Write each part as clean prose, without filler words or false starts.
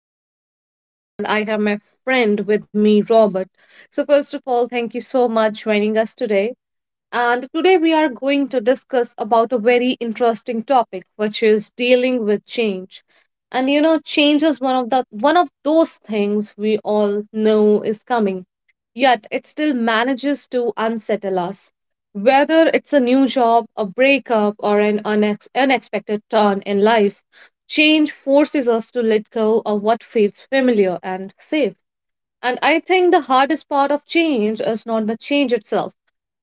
Your host, Kate, and I have my friend with me, Robert. So, first of all, thank you so much joining us today and today we are going to discuss about a very interesting topic which is dealing with change. And you know change is one of those things we all know is coming yet it still manages to unsettle us. Whether it's a new job, a breakup, or an unexpected turn in life, change forces us to let go of what feels familiar and safe. And I think the hardest part of change is not the change itself,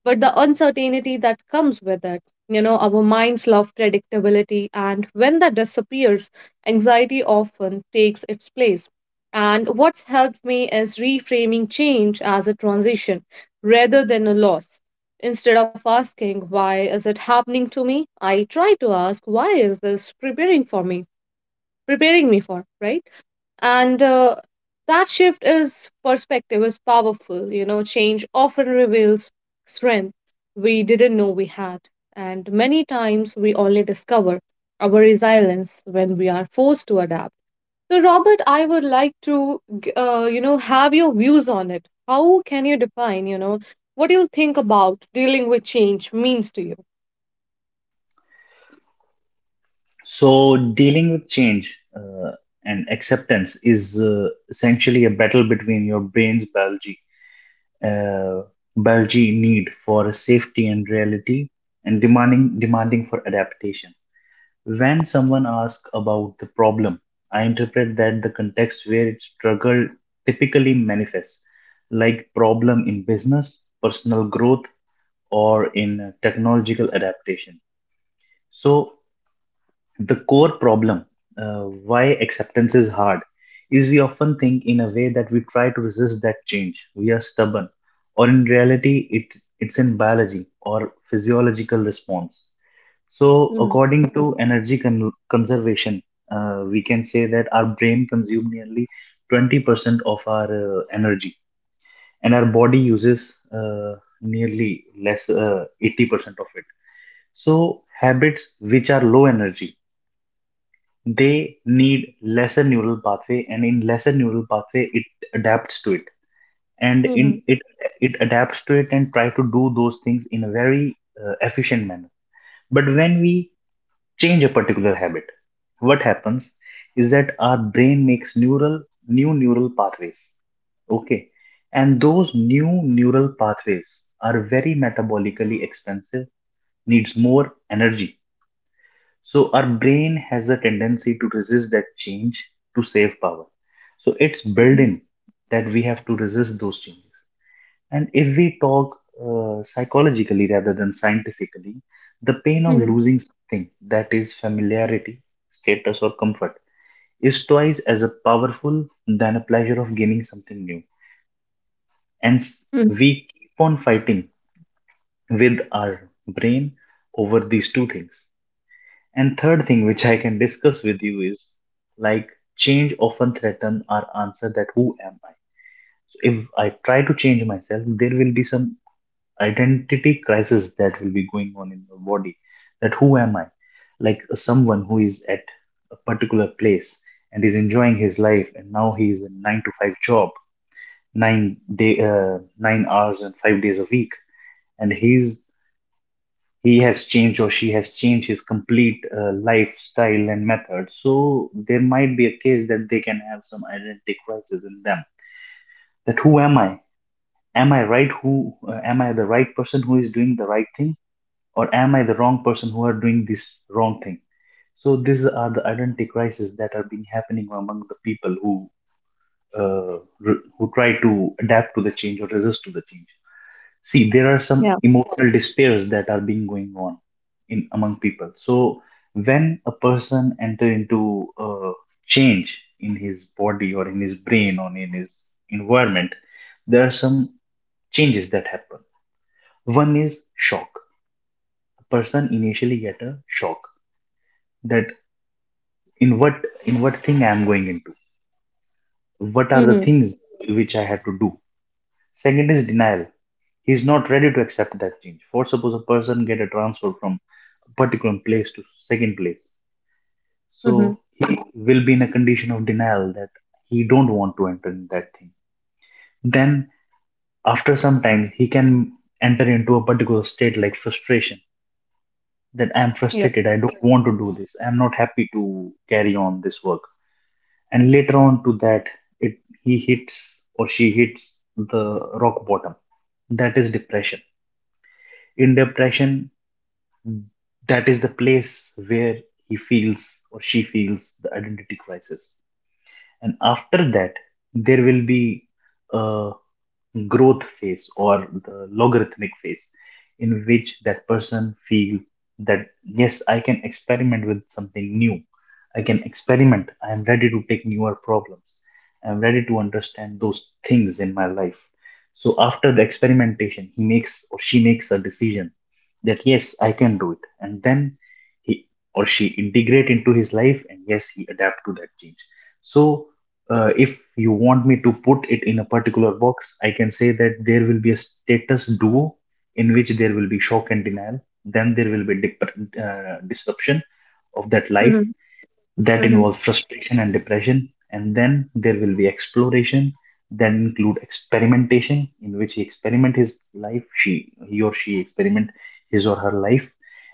but the uncertainty that comes with it. You know, our minds love predictability, and when that disappears, anxiety often takes its place. And what's helped me is reframing change as a transition rather than a loss. Instead of asking, why is it happening to me? I try to ask, why is this preparing for me? Preparing me for, right? And That shift is perspective is powerful. You know, change often reveals strength we didn't know we had. And many times we only discover our resilience when we are forced to adapt. So, Robert, I would like to, you know, have your views on it. How can you define, you know, what do you think about dealing with change means to you? So, dealing with change and acceptance is essentially a battle between your brain's biology, uh, biology need for safety and reality, and demanding for adaptation. When someone asks about the problem, I interpret that the context where it struggle typically manifests, like problem in business, personal growth, or in technological adaptation. So the core problem, why acceptance is hard, is we often think in a way that we try to resist that change. We are stubborn, or in reality, it's in biology or physiological response. So, Mm-hmm. according to conservation, we can say that our brain consumes nearly 20% of our energy, and our body uses nearly less 80% of it. So, habits which are low energy they need lesser neural pathway, and in lesser neural pathway it adapts to it, and in Mm-hmm. it it adapts to it and try to do those things in a very efficient manner. But when we change a particular habit, what happens is that our brain makes neural new neural pathways, okay, and those new neural pathways are very metabolically expensive, needs more energy, so our brain has a tendency to resist that change to save power. So it's built in that we have to resist those changes. And if we talk psychologically rather than scientifically, the pain of Mm-hmm. losing something that is familiarity, status, or comfort is twice as powerful than a pleasure of gaining something new. And Mm-hmm. we keep on fighting with our brain over these two things. And third thing which I can discuss with you is like change often threaten our answer that who am I? So if I try to change myself, there will be some identity crisis that will be going on in the body. That who am I? Like someone who is at a particular place and is enjoying his life, and now he is in nine to five job, 9 day, 9 hours and 5 days a week, and he has changed or she has changed his complete lifestyle and method, so there might be a case that they can have some identity crisis in them. That who am I? Am I right? who Am I the right person who is doing the right thing, or am I the wrong person who are doing this wrong thing? So these are the identity crises that are being happening among the people who who try to adapt to the change or resist to the change. See, there are Yeah. some emotional despairs that are being going on in among people. So when a person enter into a change in his body or in his brain or in his environment, there are some changes that happen. One is shock. A person initially get a shock that in what, in what thing I am going into, what are the Mm-hmm. things which I have to do. Second is denial. He's not ready to accept that change. For suppose a person get a transfer from a particular place to second place, Mm-hmm. so he will be in a condition of denial that he don't want to enter in that thing. Then after some time, he can enter into a particular state like frustration. That I'm frustrated. I don't want to do this. I'm not happy to carry on this work. And later on to that, it he hits or she hits the rock bottom. That is depression. In depression, that is the place where he feels or she feels the identity crisis. And after that, there will be a growth phase or the logarithmic phase in which that person feel that yes, I can experiment with something new. I can experiment, I am ready to take newer problems, I am ready to understand those things in my life. So after the experimentation, he makes or she makes a decision that yes, I can do it, and then he or she integrate into his life, and yes, he adapt to that change. So if you want me to put it in a particular box, I can say that there will be a status duo in which there will be shock and denial. Then there will be disruption of that life. Mhm, That mhm, involves frustration and depression, and then there will be exploration. Then include experimentation, in which he experiment his life, she he or she experiment his or her life,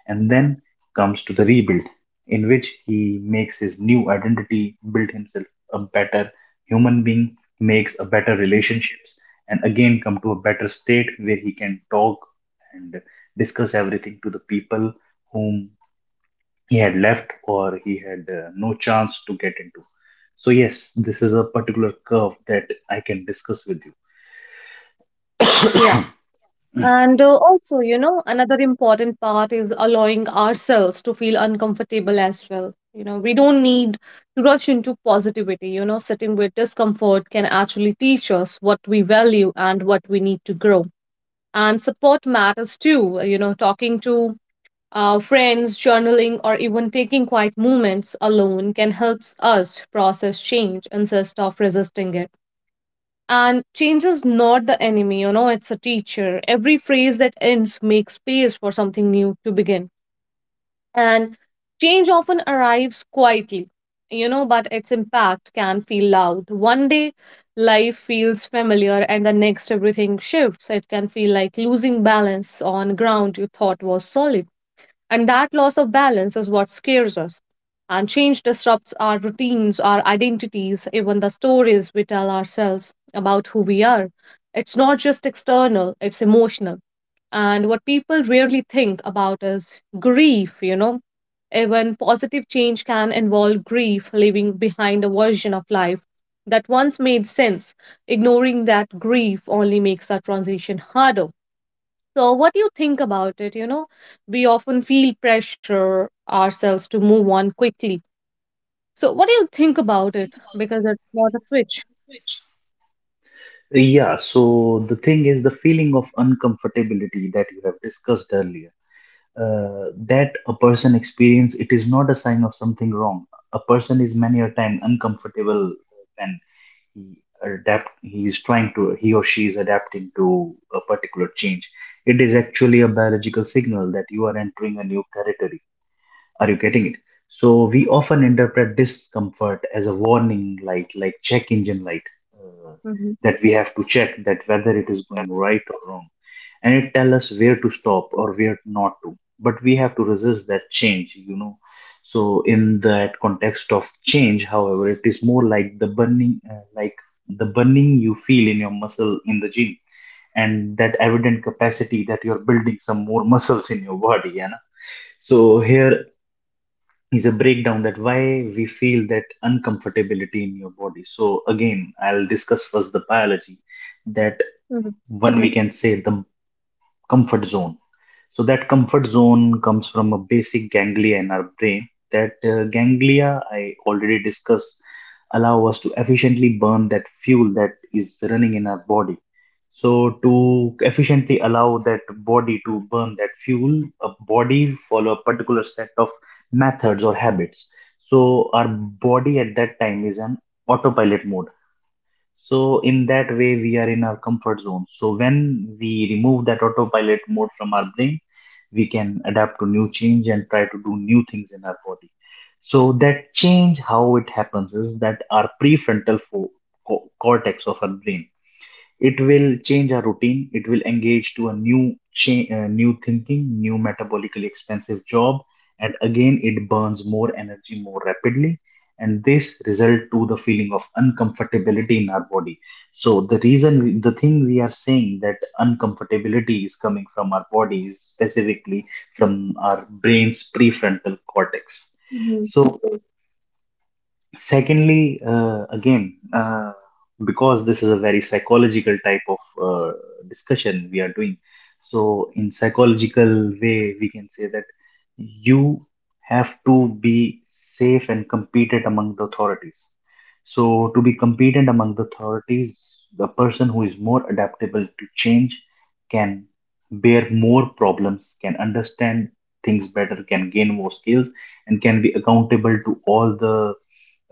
and then comes to the rebuild, in which he makes his new identity, build himself a better human being, makes a better mhm. relationships, and again come to a better state where he can talk and discuss everything to the people whom he had left or he had no chance to get into. So, yes, this is a particular curve that I can discuss with Yeah. you. And Also, you know, another important part is allowing ourselves to feel uncomfortable as well. You know, we don't need to rush into positivity. You know, sitting with discomfort can actually teach us what we value and what we need to grow. And support matters too. You know, talking to friends, journaling, or even taking quiet moments alone can help us process change instead of resisting it. And change is not the enemy, you know, it's a teacher. Every phrase that ends makes space for something new to begin. And change often arrives quietly, you know, but its impact can feel loud. One day, life feels familiar, and the next, everything shifts. It can feel like losing balance on ground you thought was solid. And that loss of balance is what scares us. And change disrupts our routines, our identities, even the stories we tell ourselves about who we are. It's not just external, it's emotional. And what people rarely think about is grief, you know. Even positive change can involve grief, leaving behind a version of life that once made sense. Ignoring that grief only makes our transition harder. So, what do you think about it? You know, we often feel pressure ourselves to move on quickly. So, what do you think about it? Because it's not a switch. Yeah, so the thing is the feeling of uncomfortability that you have discussed earlier. That a person experience it is not a sign of something wrong. A person is many a time uncomfortable when he adapt, he or she is adapting to a particular change. It is actually a biological signal that you are entering a new territory. Are you getting it? So we often interpret discomfort as a warning light, like check engine light, uh, Mm-hmm. that we have to check that whether it is going right or wrong, and it tells us where to stop or where not to. But we have to resist that change, you know. So in that context of change, however, it is more like the burning you feel in your muscle in the gym, and that evident capacity that you're building some more muscles in your body, yeah. Na. So here is a breakdown that why we feel that uncomfortability in your body. So again, I'll discuss first the biology, that Mm-hmm. one we can say the comfort zone. So that comfort zone comes from a basic ganglia in our brain. That ganglia I already discussed allow us to efficiently burn that fuel that is running in our body. So to efficiently allow that body to burn that fuel, a body follow a particular set of methods or habits. So our body at that time is an autopilot mode, so in that way, we are in our comfort zone. So when we remove that autopilot mode from our brain, we can adapt to new change and try to do new things in our body. So that change, how it happens is that our cortex of our brain, it will change our routine, it will engage to a new new thinking, new metabolically expensive job, and again it burns more energy more rapidly, and this result to the feeling of uncomfortability in our body. So the reason, the thing we are saying that uncomfortability is coming from our bodies, specifically from our brain's prefrontal cortex. Hmm. So secondly, again, because this is a very psychological type of discussion we are doing, so in psychological way, we can say that you have to be safe and competent among the authorities. So to be competent among the authorities, the person who is more adaptable to change can bear more problems, can understand things better, can gain more skills, and can be accountable to all the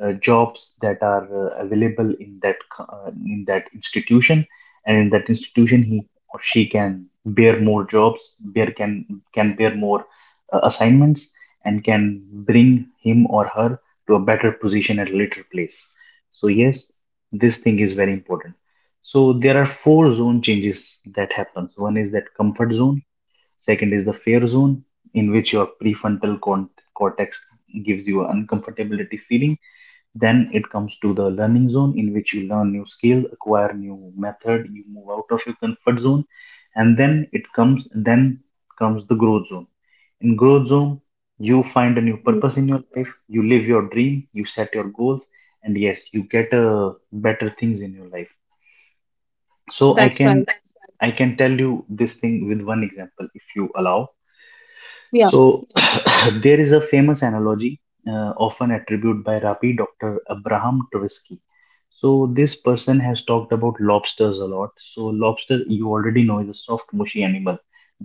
jobs that are available in that in that institution, and in that institution he or she can bear more jobs, bear can bear more assignments, and can bring him or her to a better position at a later place. So yes, this thing is very important. So there are four zone changes that happens. One is that comfort zone. Second is the fear zone, in which your cortex gives you an uncomfortability feeling. Then it comes to the learning zone, in which you learn new skill, acquire new method, you move out of your comfort zone, and then comes the growth zone. In growth zone, you find a new purpose in your life, you live your dream, you set your goals, and yes, you get better things in your life. So That's right. I can tell you this thing with one example if you allow. Yeah. So there is a famous analogy often attributed by Rabbi Dr. Abraham Tversky. So this person has talked about lobsters a lot. So lobster, you already know, is a soft, mushy animal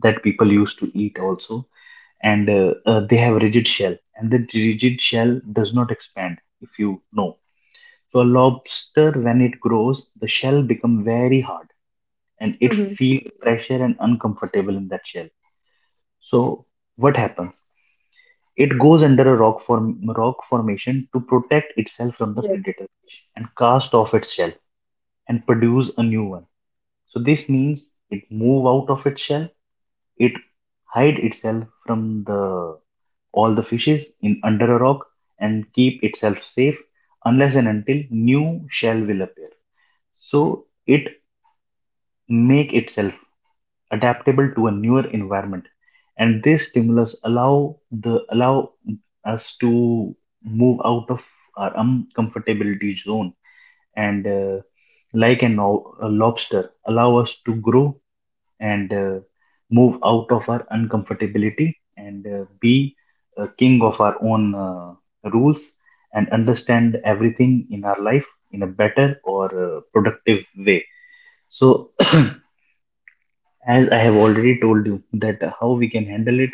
that people used to eat also, and they have rigid shell, and the rigid shell does not expand, if you know. So a lobster, when it grows, the shell become very hard, and it Mm-hmm. feels pressure and uncomfortable in that shell. So what happens, it goes under a rock form rock formation to protect itself from the Yes. predator fish and cast off its shell and produce a new one. So this means it move out of its shell, it hide itself from the all the fishes in under a rock and keep itself safe unless and until new shell will appear. So it make itself adaptable to a newer environment, and this stimulus allow the allow us to move out of our uncomfortability zone and like a lobster allow us to grow and move out of our uncomfortability and be a king of our own rules and understand everything in our life in a better or productive way. So as I have already told you that how we can handle it,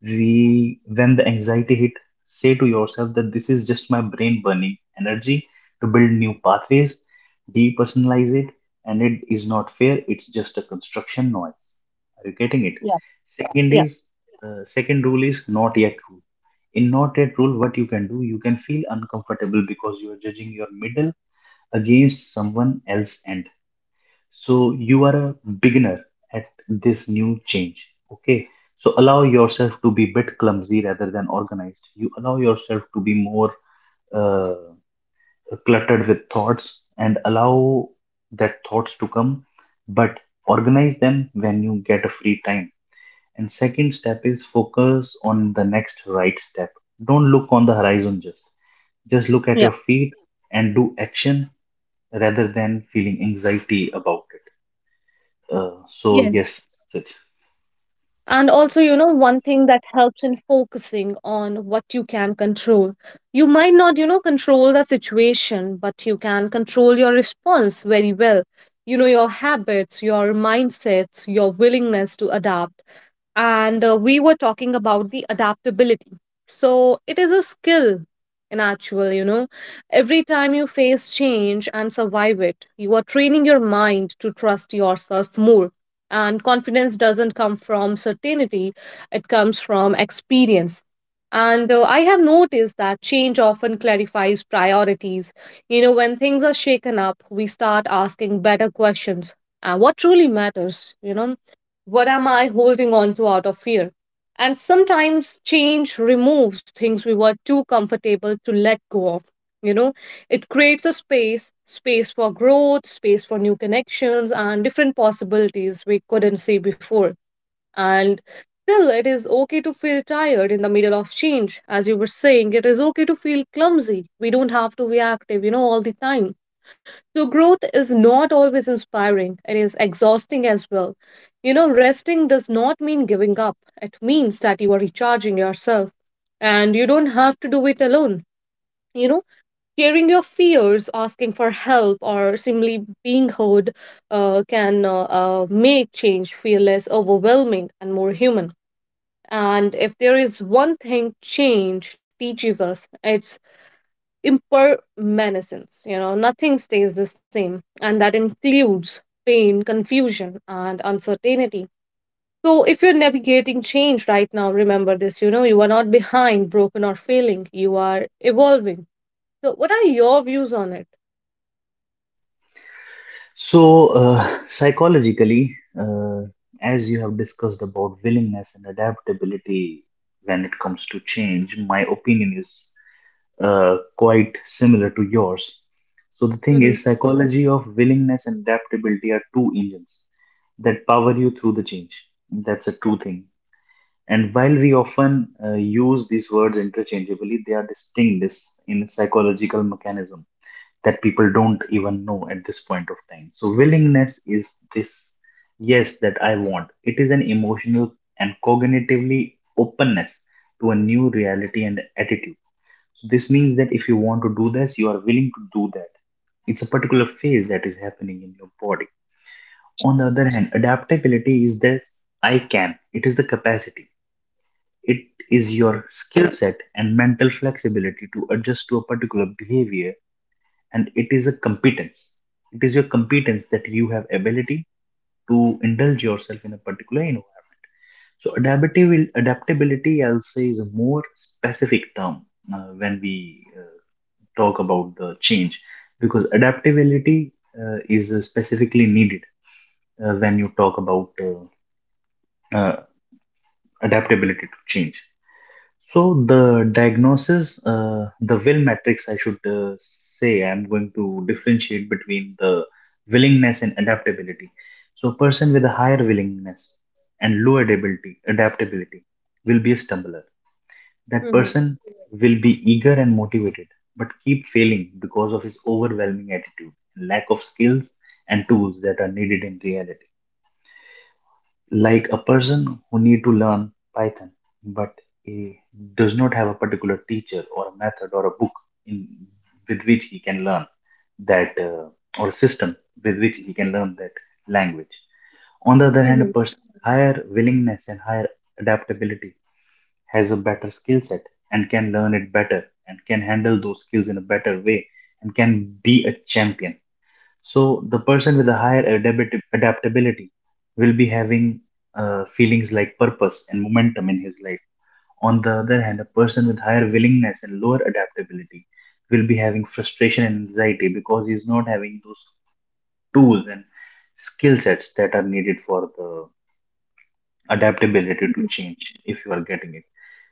we when the anxiety hit, say to yourself that this is just my brain burning energy to build new pathways, depersonalize it, and it is not fair, it's just a construction noise. Are you getting it? Yeah. Second Yeah. is second rule is not yet rule. In not yet rule, what you can do, you can feel uncomfortable because you are judging your middle against someone else end, so you are a beginner at this new change. Okay. So allow yourself to be a bit clumsy rather than organized. You allow yourself to be more uh, cluttered with thoughts and allow that thoughts to come, but organize them when you get a free time. And second step is focus on the next right step. Don't look on the horizon just. Just look at Yeah. your feet and do action rather than feeling anxiety about it. So Yes. yes, that's it. And also, you know, one thing that helps in focusing on what you can control. You might not, you know, control the situation, but you can control your response very well. You know, your habits, your mindsets, your willingness to adapt and we were talking about the adaptability, so it is a skill in actual, you know. Every time you face change and survive it, you are training your mind to trust yourself more, and confidence doesn't come from certainty, it comes from experience. And I have noticed that change often clarifies priorities. You know, when things are shaken up, we start asking better questions. What truly matters, you know? What am I holding on to out of fear? And sometimes change removes things we were too comfortable to let go of. You know, it creates a space, space for growth, space for new connections, and different possibilities we couldn't see before. And still, it is okay to feel tired in the middle of change. As you were saying, it is okay to feel clumsy. We don't have to be active, you know, all the time. So, growth is not always inspiring, it is exhausting as well. You know, resting does not mean giving up, it means that you are recharging yourself, and you don't have to do it alone. You know, sharing your fears, asking for help, or simply being heard can make change feel less overwhelming and more human. And if there is one thing change teaches us, it's impermanence. You know, nothing stays the same, and that includes pain, confusion, and uncertainty. So if you're navigating change right now, remember this, you know, you are not behind, broken, or failing, you are evolving. So what are your views on it? So psychologically, as you have discussed about willingness and adaptability when it comes to change, my opinion is quite similar to yours. So the thing Hmm. is, psychology of willingness and adaptability are two engines that power you through the change. That's a true thing. And while we often use these words interchangeably, they are distinct in psychological mechanism that people don't even know at this point of time. So, willingness is this yes that I want. It is an emotional and cognitively openness to a new reality and attitude. So, this means that if you want to do this, you are willing to do that. It's a particular phase that is happening in your body. On the other hand, adaptability is this I can, it is the capacity. It is your Hmm. skill set and mental flexibility to adjust to a particular behavior, and it is a competence, it is your competence that you have ability to indulge yourself in a particular environment. So adaptability I'll say is a more specific term when we uh, talk about the change, because adaptability is specifically needed when you talk about uh, adaptability to change. So the diagnosis, the will matrix, I should say, I'm going to differentiate between the willingness and adaptability. So person with a higher willingness and low adaptability will be a stumbler. That Hmm. person will be eager and motivated, but keep failing because of his overwhelming attitude, lack of skills and tools that are needed in reality, like a person who need to learn Python, but he does not have a particular teacher or a method or a book in, with which he can learn that or system with which he can learn that language. On the other hand, a Hmm. person with higher willingness and higher adaptability has a better skill set and can learn it better and can handle those skills in a better way and can be a champion. So the person with a higher adaptability will be having feelings like purpose and momentum in his life. On the other hand, a person with higher willingness and lower adaptability will be having frustration and anxiety because he's not having those tools and skill sets that are needed for the adaptability to change, if you are getting it.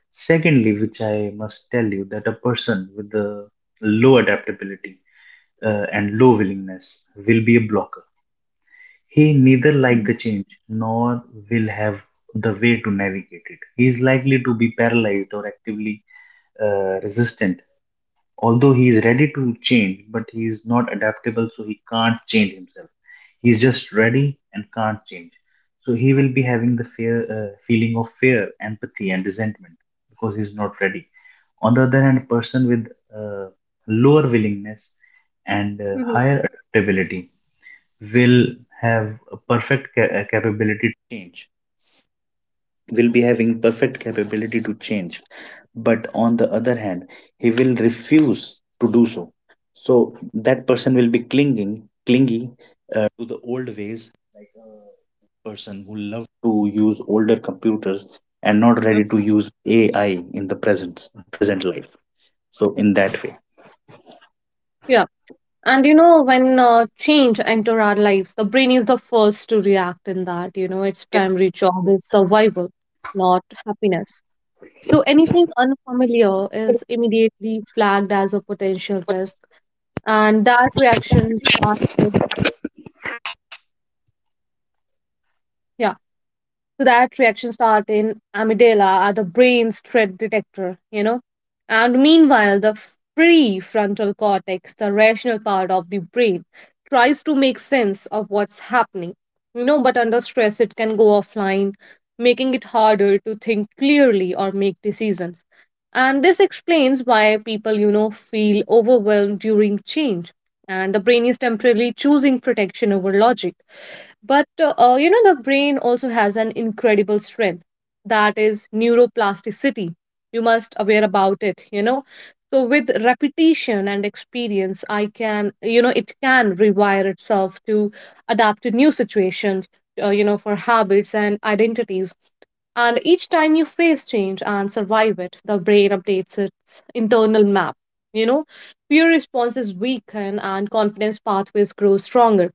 Secondly, which I must tell you that a person with the low adaptability and low willingness will be a blocker. He neither liked the change nor will have the way to navigate it. He is likely to be paralyzed or actively resistant. Although he is ready to change, but he is not adaptable, so he can't change himself. He is just ready and can't change. So he will be having the fear, feeling of fear, empathy, and resentment because he is not ready. On the other hand, a person with uh, lower willingness and Hmm. higher adaptability will have a perfect capability to change, will be having perfect capability to change, but on the other hand he will refuse to do so. So that person will be clinging clingy to the old ways, like a person who loves to use older computers and not ready to use ai in the present life. So in that way, Yeah. And you know, when change enter our lives, the brain is the first to react in that, you know, its primary job is survival, not happiness. So anything unfamiliar is immediately flagged as a potential risk, and that reaction starts in yeah. To that reaction start in amygdala are the brain's threat detector, you know. And meanwhile, the prefrontal cortex, the rational part of the brain, tries to make sense of what's happening, you know, but under stress it can go offline, making it harder to think clearly or make decisions. And this explains why people, you know, feel overwhelmed during change. And the brain is temporarily choosing protection over logic, but you know, the brain also has an incredible strength, that is neuroplasticity. You must aware about it, you know. So with repetition and experience, I can, you know, it can rewire itself to adapt to new situations, you know, for habits and identities. And each time you face change and survive it, the brain updates its internal map. You know, fear responses weaken and confidence pathways grow stronger,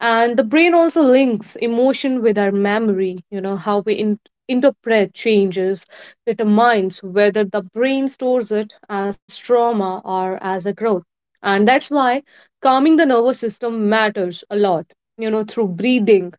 and the brain also links emotion with our memory. You know, how we interpret changes determines whether the brain stores it as trauma or as a growth. And that's why calming the nervous system matters a lot, you know, through breathing,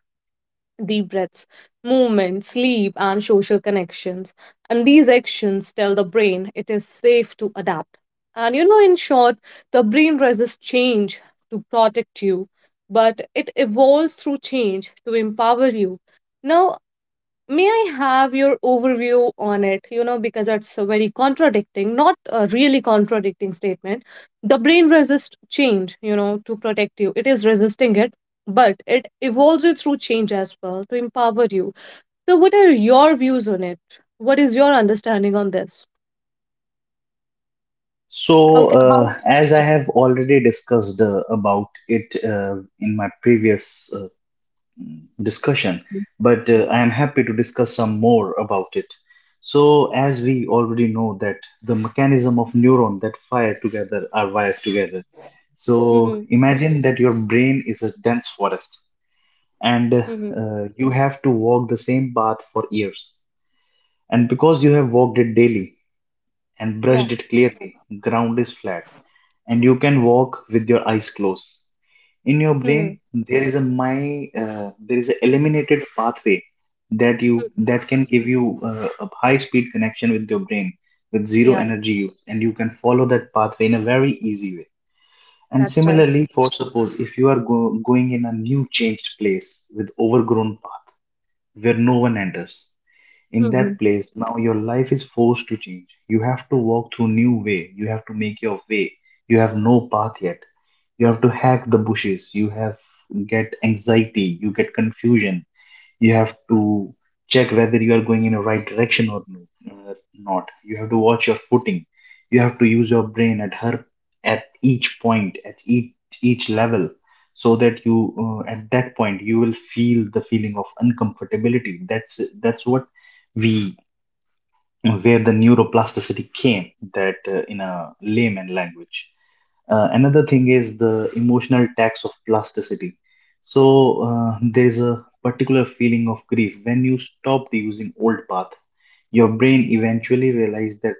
deep breaths, movement, sleep, and social connections. And these actions tell the brain it is safe to adapt. And you know, in short, the brain resists change to protect you, but it evolves through change to empower you. Now, may I have your overview on it? You know, because it's a very contradicting, not a really contradicting statement. The brain resists change, you know, to protect you. It is resisting it, but it evolves you through change as well to empower you. So, what are your views on it? What is your understanding on this? How? so How? As I Yeah. have already discussed about it in my previous discussion, but I am happy to discuss some more about it. So, as we already know that the mechanism of neuron that fire together are wired together. So, imagine that your brain is a dense forest and you have to walk the same path for years. And because you have walked it daily, and brushed it clearly. Ground is flat and you can walk with your eyes closed. In your brain, there is a my there is a eliminated pathway that can give you a high speed connection with your brain with zero Yeah, energy use, and you can follow that pathway in a very easy way. And that's right. similarly, for suppose if you are going in a new changed place with overgrown path where no one enters, in Mm-hmm. that place now your life is forced to change. You have to walk through new way, you have to make your way, you have no path yet, you have to hack the bushes, you have get anxiety, you get confusion, you have to check whether you are going in the right direction or no, not. You have to watch your footing, you have to use your brain at her at each point, at each level, so that you at that point you will feel the feeling of uncomfortability. That's that's what we, where the neuroplasticity came, that in a layman language, another thing is the emotional tax of plasticity. So there is a particular feeling of grief when you stopped using old path. Your brain eventually realized that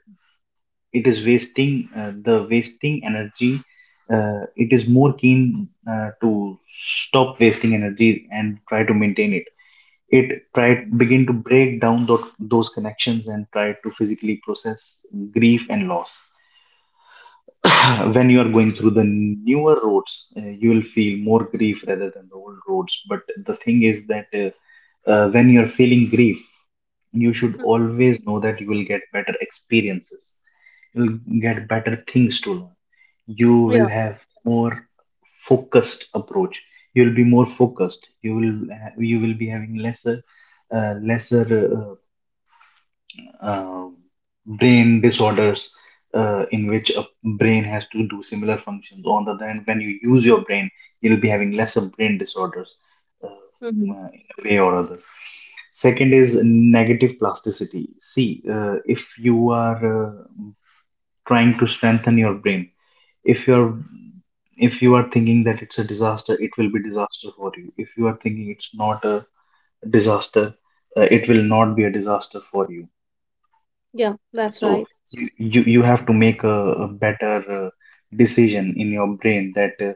it is wasting the wasting energy. It is more keen to stop wasting energy and try to maintain it. It try begin to break down those connections and try to physically process grief and loss. When you are going through the newer roads, you will feel more grief rather than the old roads. But the thing is that when you are feeling grief, you should always know that you will get better experiences. You will get better things to learn. You will Yeah. have more focused approach. You will be more focused. You will you will be having lesser lesser uh, um, brain disorders in which a brain has to do similar functions. On the other hand, when you use your brain, you'll be having lesser brain disorders Mm-hmm. In a way or other. Second is negative plasticity. See, if you are trying to strengthen your brain, if you're if you are thinking that it's a disaster, it will be disaster for you. If you are thinking it's not a disaster, it will not be a disaster for you. Yeah, that's So right. You have to make a better uh, decision in your brain that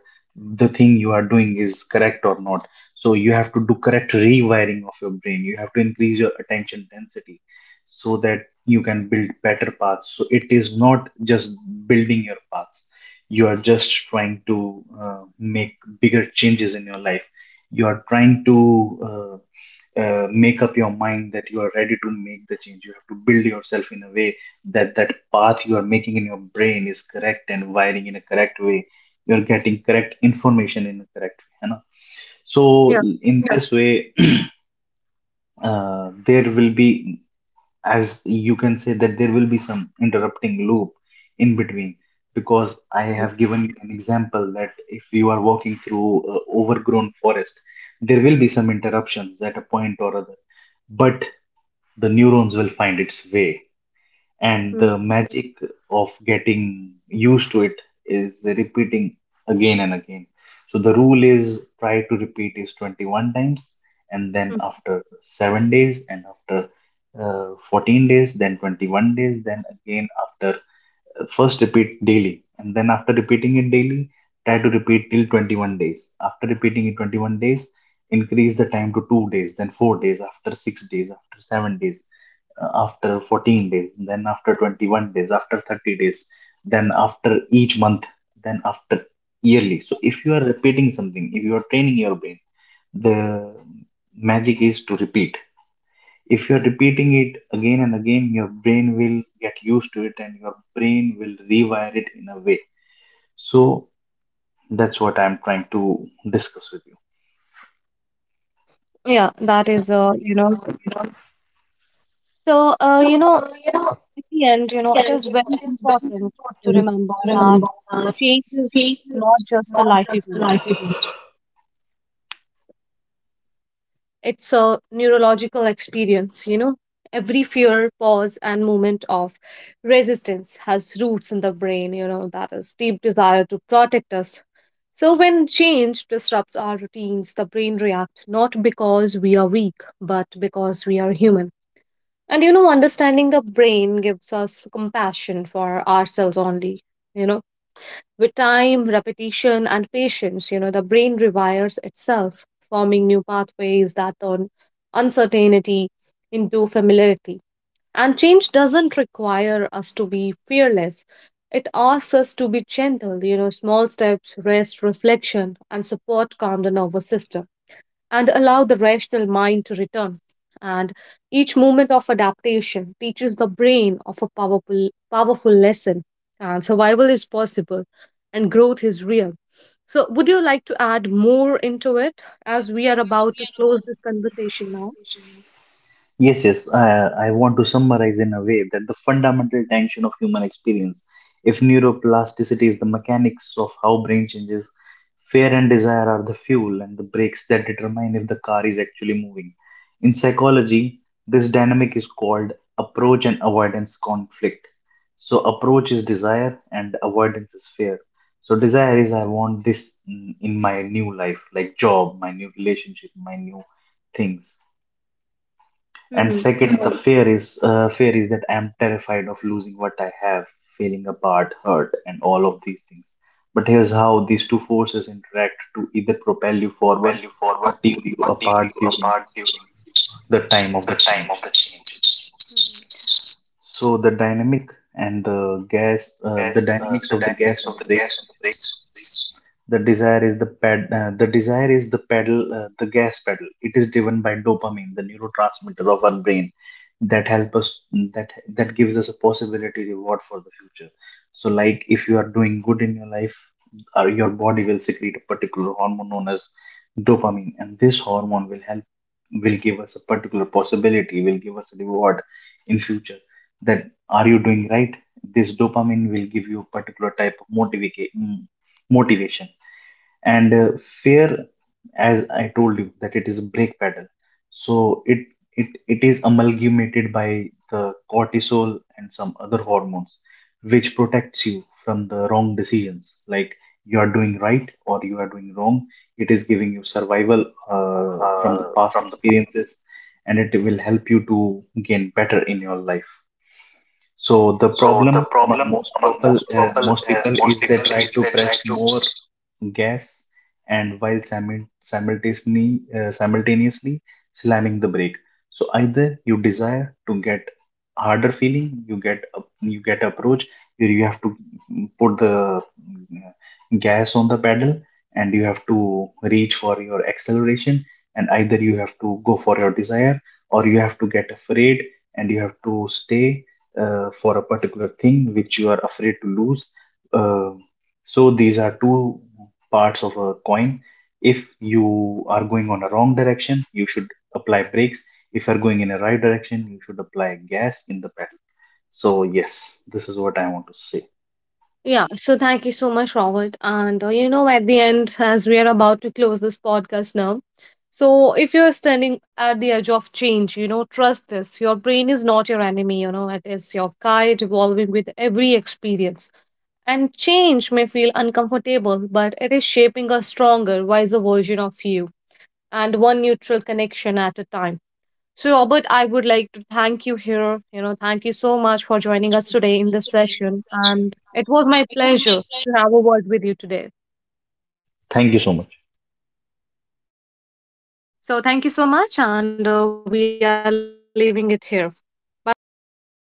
the thing you are doing is correct or not. So you have to do correct rewiring of your brain. You have to increase your attention density so that you can build better paths. So it is not just building your paths. You are just trying to make bigger changes in your life. You are trying to uh, make up your mind that you are ready to make the change. You have to build yourself in a way that that path you are making in your brain is correct and wiring in a correct way. You're getting correct information in a correct way. You know? So Yeah. in yeah this way, there will be, as you can say, that there will be some interrupting loop in between. Because I have Yes. given you an example that if you are walking through overgrown forest, there will be some interruptions at a point or other, but the neurons will find its way. And Mm-hmm. the magic of getting used to it is repeating again and again. So the rule is try to repeat is 21 times, and then after 7 days, and after 14 days, then 21 days, then again after first repeat daily, and then after repeating it daily, try to repeat till 21 days. After repeating it 21 days, increase the time to 2 days, then 4 days, after 6 days, after 7 days, after 14 days, then after 21 days, after 30 days, then after each month, then after yearly. So if you are repeating something, if you are training your brain, the magic is to repeat. If you are repeating it again and again, your brain will get used to it and your brain will rewire it in a way. So that's what I'm trying to discuss with you. Yeah, that is, you know, so, you know, at the end, you know, it is very important to remember that change is not just a life event. It's a neurological experience, you know. Every fear, pause, and moment of resistance has roots in the brain, you know, that is deep desire to protect us. So, when change disrupts our routines, the brain reacts not because we are weak, but because we are human. And you know, understanding the brain gives us compassion for ourselves only. You know, with time, repetition, and patience, you know, the brain rewires itself, forming new pathways that turn uncertainty into familiarity. And change doesn't require us to be fearless. It asks us to be gentle, you know, small steps, rest, reflection, and support calm the nervous system and allow the rational mind to return. And each moment of adaptation teaches the brain of a powerful, powerful lesson. And survival is possible and growth is real. So, would you like to add more into it as we are about to close this conversation now? Yes, yes. I want to summarize in a way that the fundamental tension of human experience, if neuroplasticity is the mechanics of how brain changes, fear and desire are the fuel and the brakes that determine if the car is actually moving. In psychology, this dynamic is called approach and avoidance conflict. So, approach is desire and avoidance is fear. So, desire is I want this in my new life, like job, my new relationship, my new things, Hmm. and second the fear is, fear is that I'm terrified of losing what I have, feeling apart, hurt, and all of these things. But here's how these two forces interact to either propel you forward or tear you apart during the time of the change. So the dynamic and the gas the dynamics of the gas and the brake, the desire is the the desire is the pedal, the gas pedal. It is driven by dopamine, the neurotransmitter of our brain, that help us that that gives us a possibility reward for the future. So like if you are doing good in your life, your body will secrete a particular hormone known as dopamine, and this hormone will give us a particular possibility, will give us a reward in future, that are you doing right. This dopamine will give you a particular type of motivation. And fear, as I told you, that it is a brake pedal. So it is amalgamated by the cortisol and some other hormones, which protects you from the wrong decisions, like you are doing right or you are doing wrong. It is giving you survival from the past experiences, and it will help you to gain better in your life. So the problem among most people is they try to press more gas, and while simultaneously slamming the brake. So either you desire to get harder feeling, you you get approach where you have to put the gas on the pedal and you have to reach for your acceleration, and either you have to go for your desire, or you have to get afraid and you have to stay for a particular thing which you are afraid to lose. uh, so these are two parts of a coin. If you are going on a wrong direction, you should apply brakes. If you're going in a right direction, you should apply gas in the pedal. So, yes, this is what I want to say. Yeah, so thank you so much, Robert. And you know, at the end, as we are about to close this podcast now, so if you're standing at the edge of change, you know, trust this. Your brain is not your enemy, you know, it is your guide evolving with every experience. And change may feel uncomfortable, but it is shaping a stronger, wiser version of you and one neutral connection at a time. So, Robert, I would like to thank you here. You know, thank you so much for joining us today in this session. And it was my pleasure to have a word with you today. Thank you so much. So, thank you so much. And we are leaving it here. Bye bye. Take care.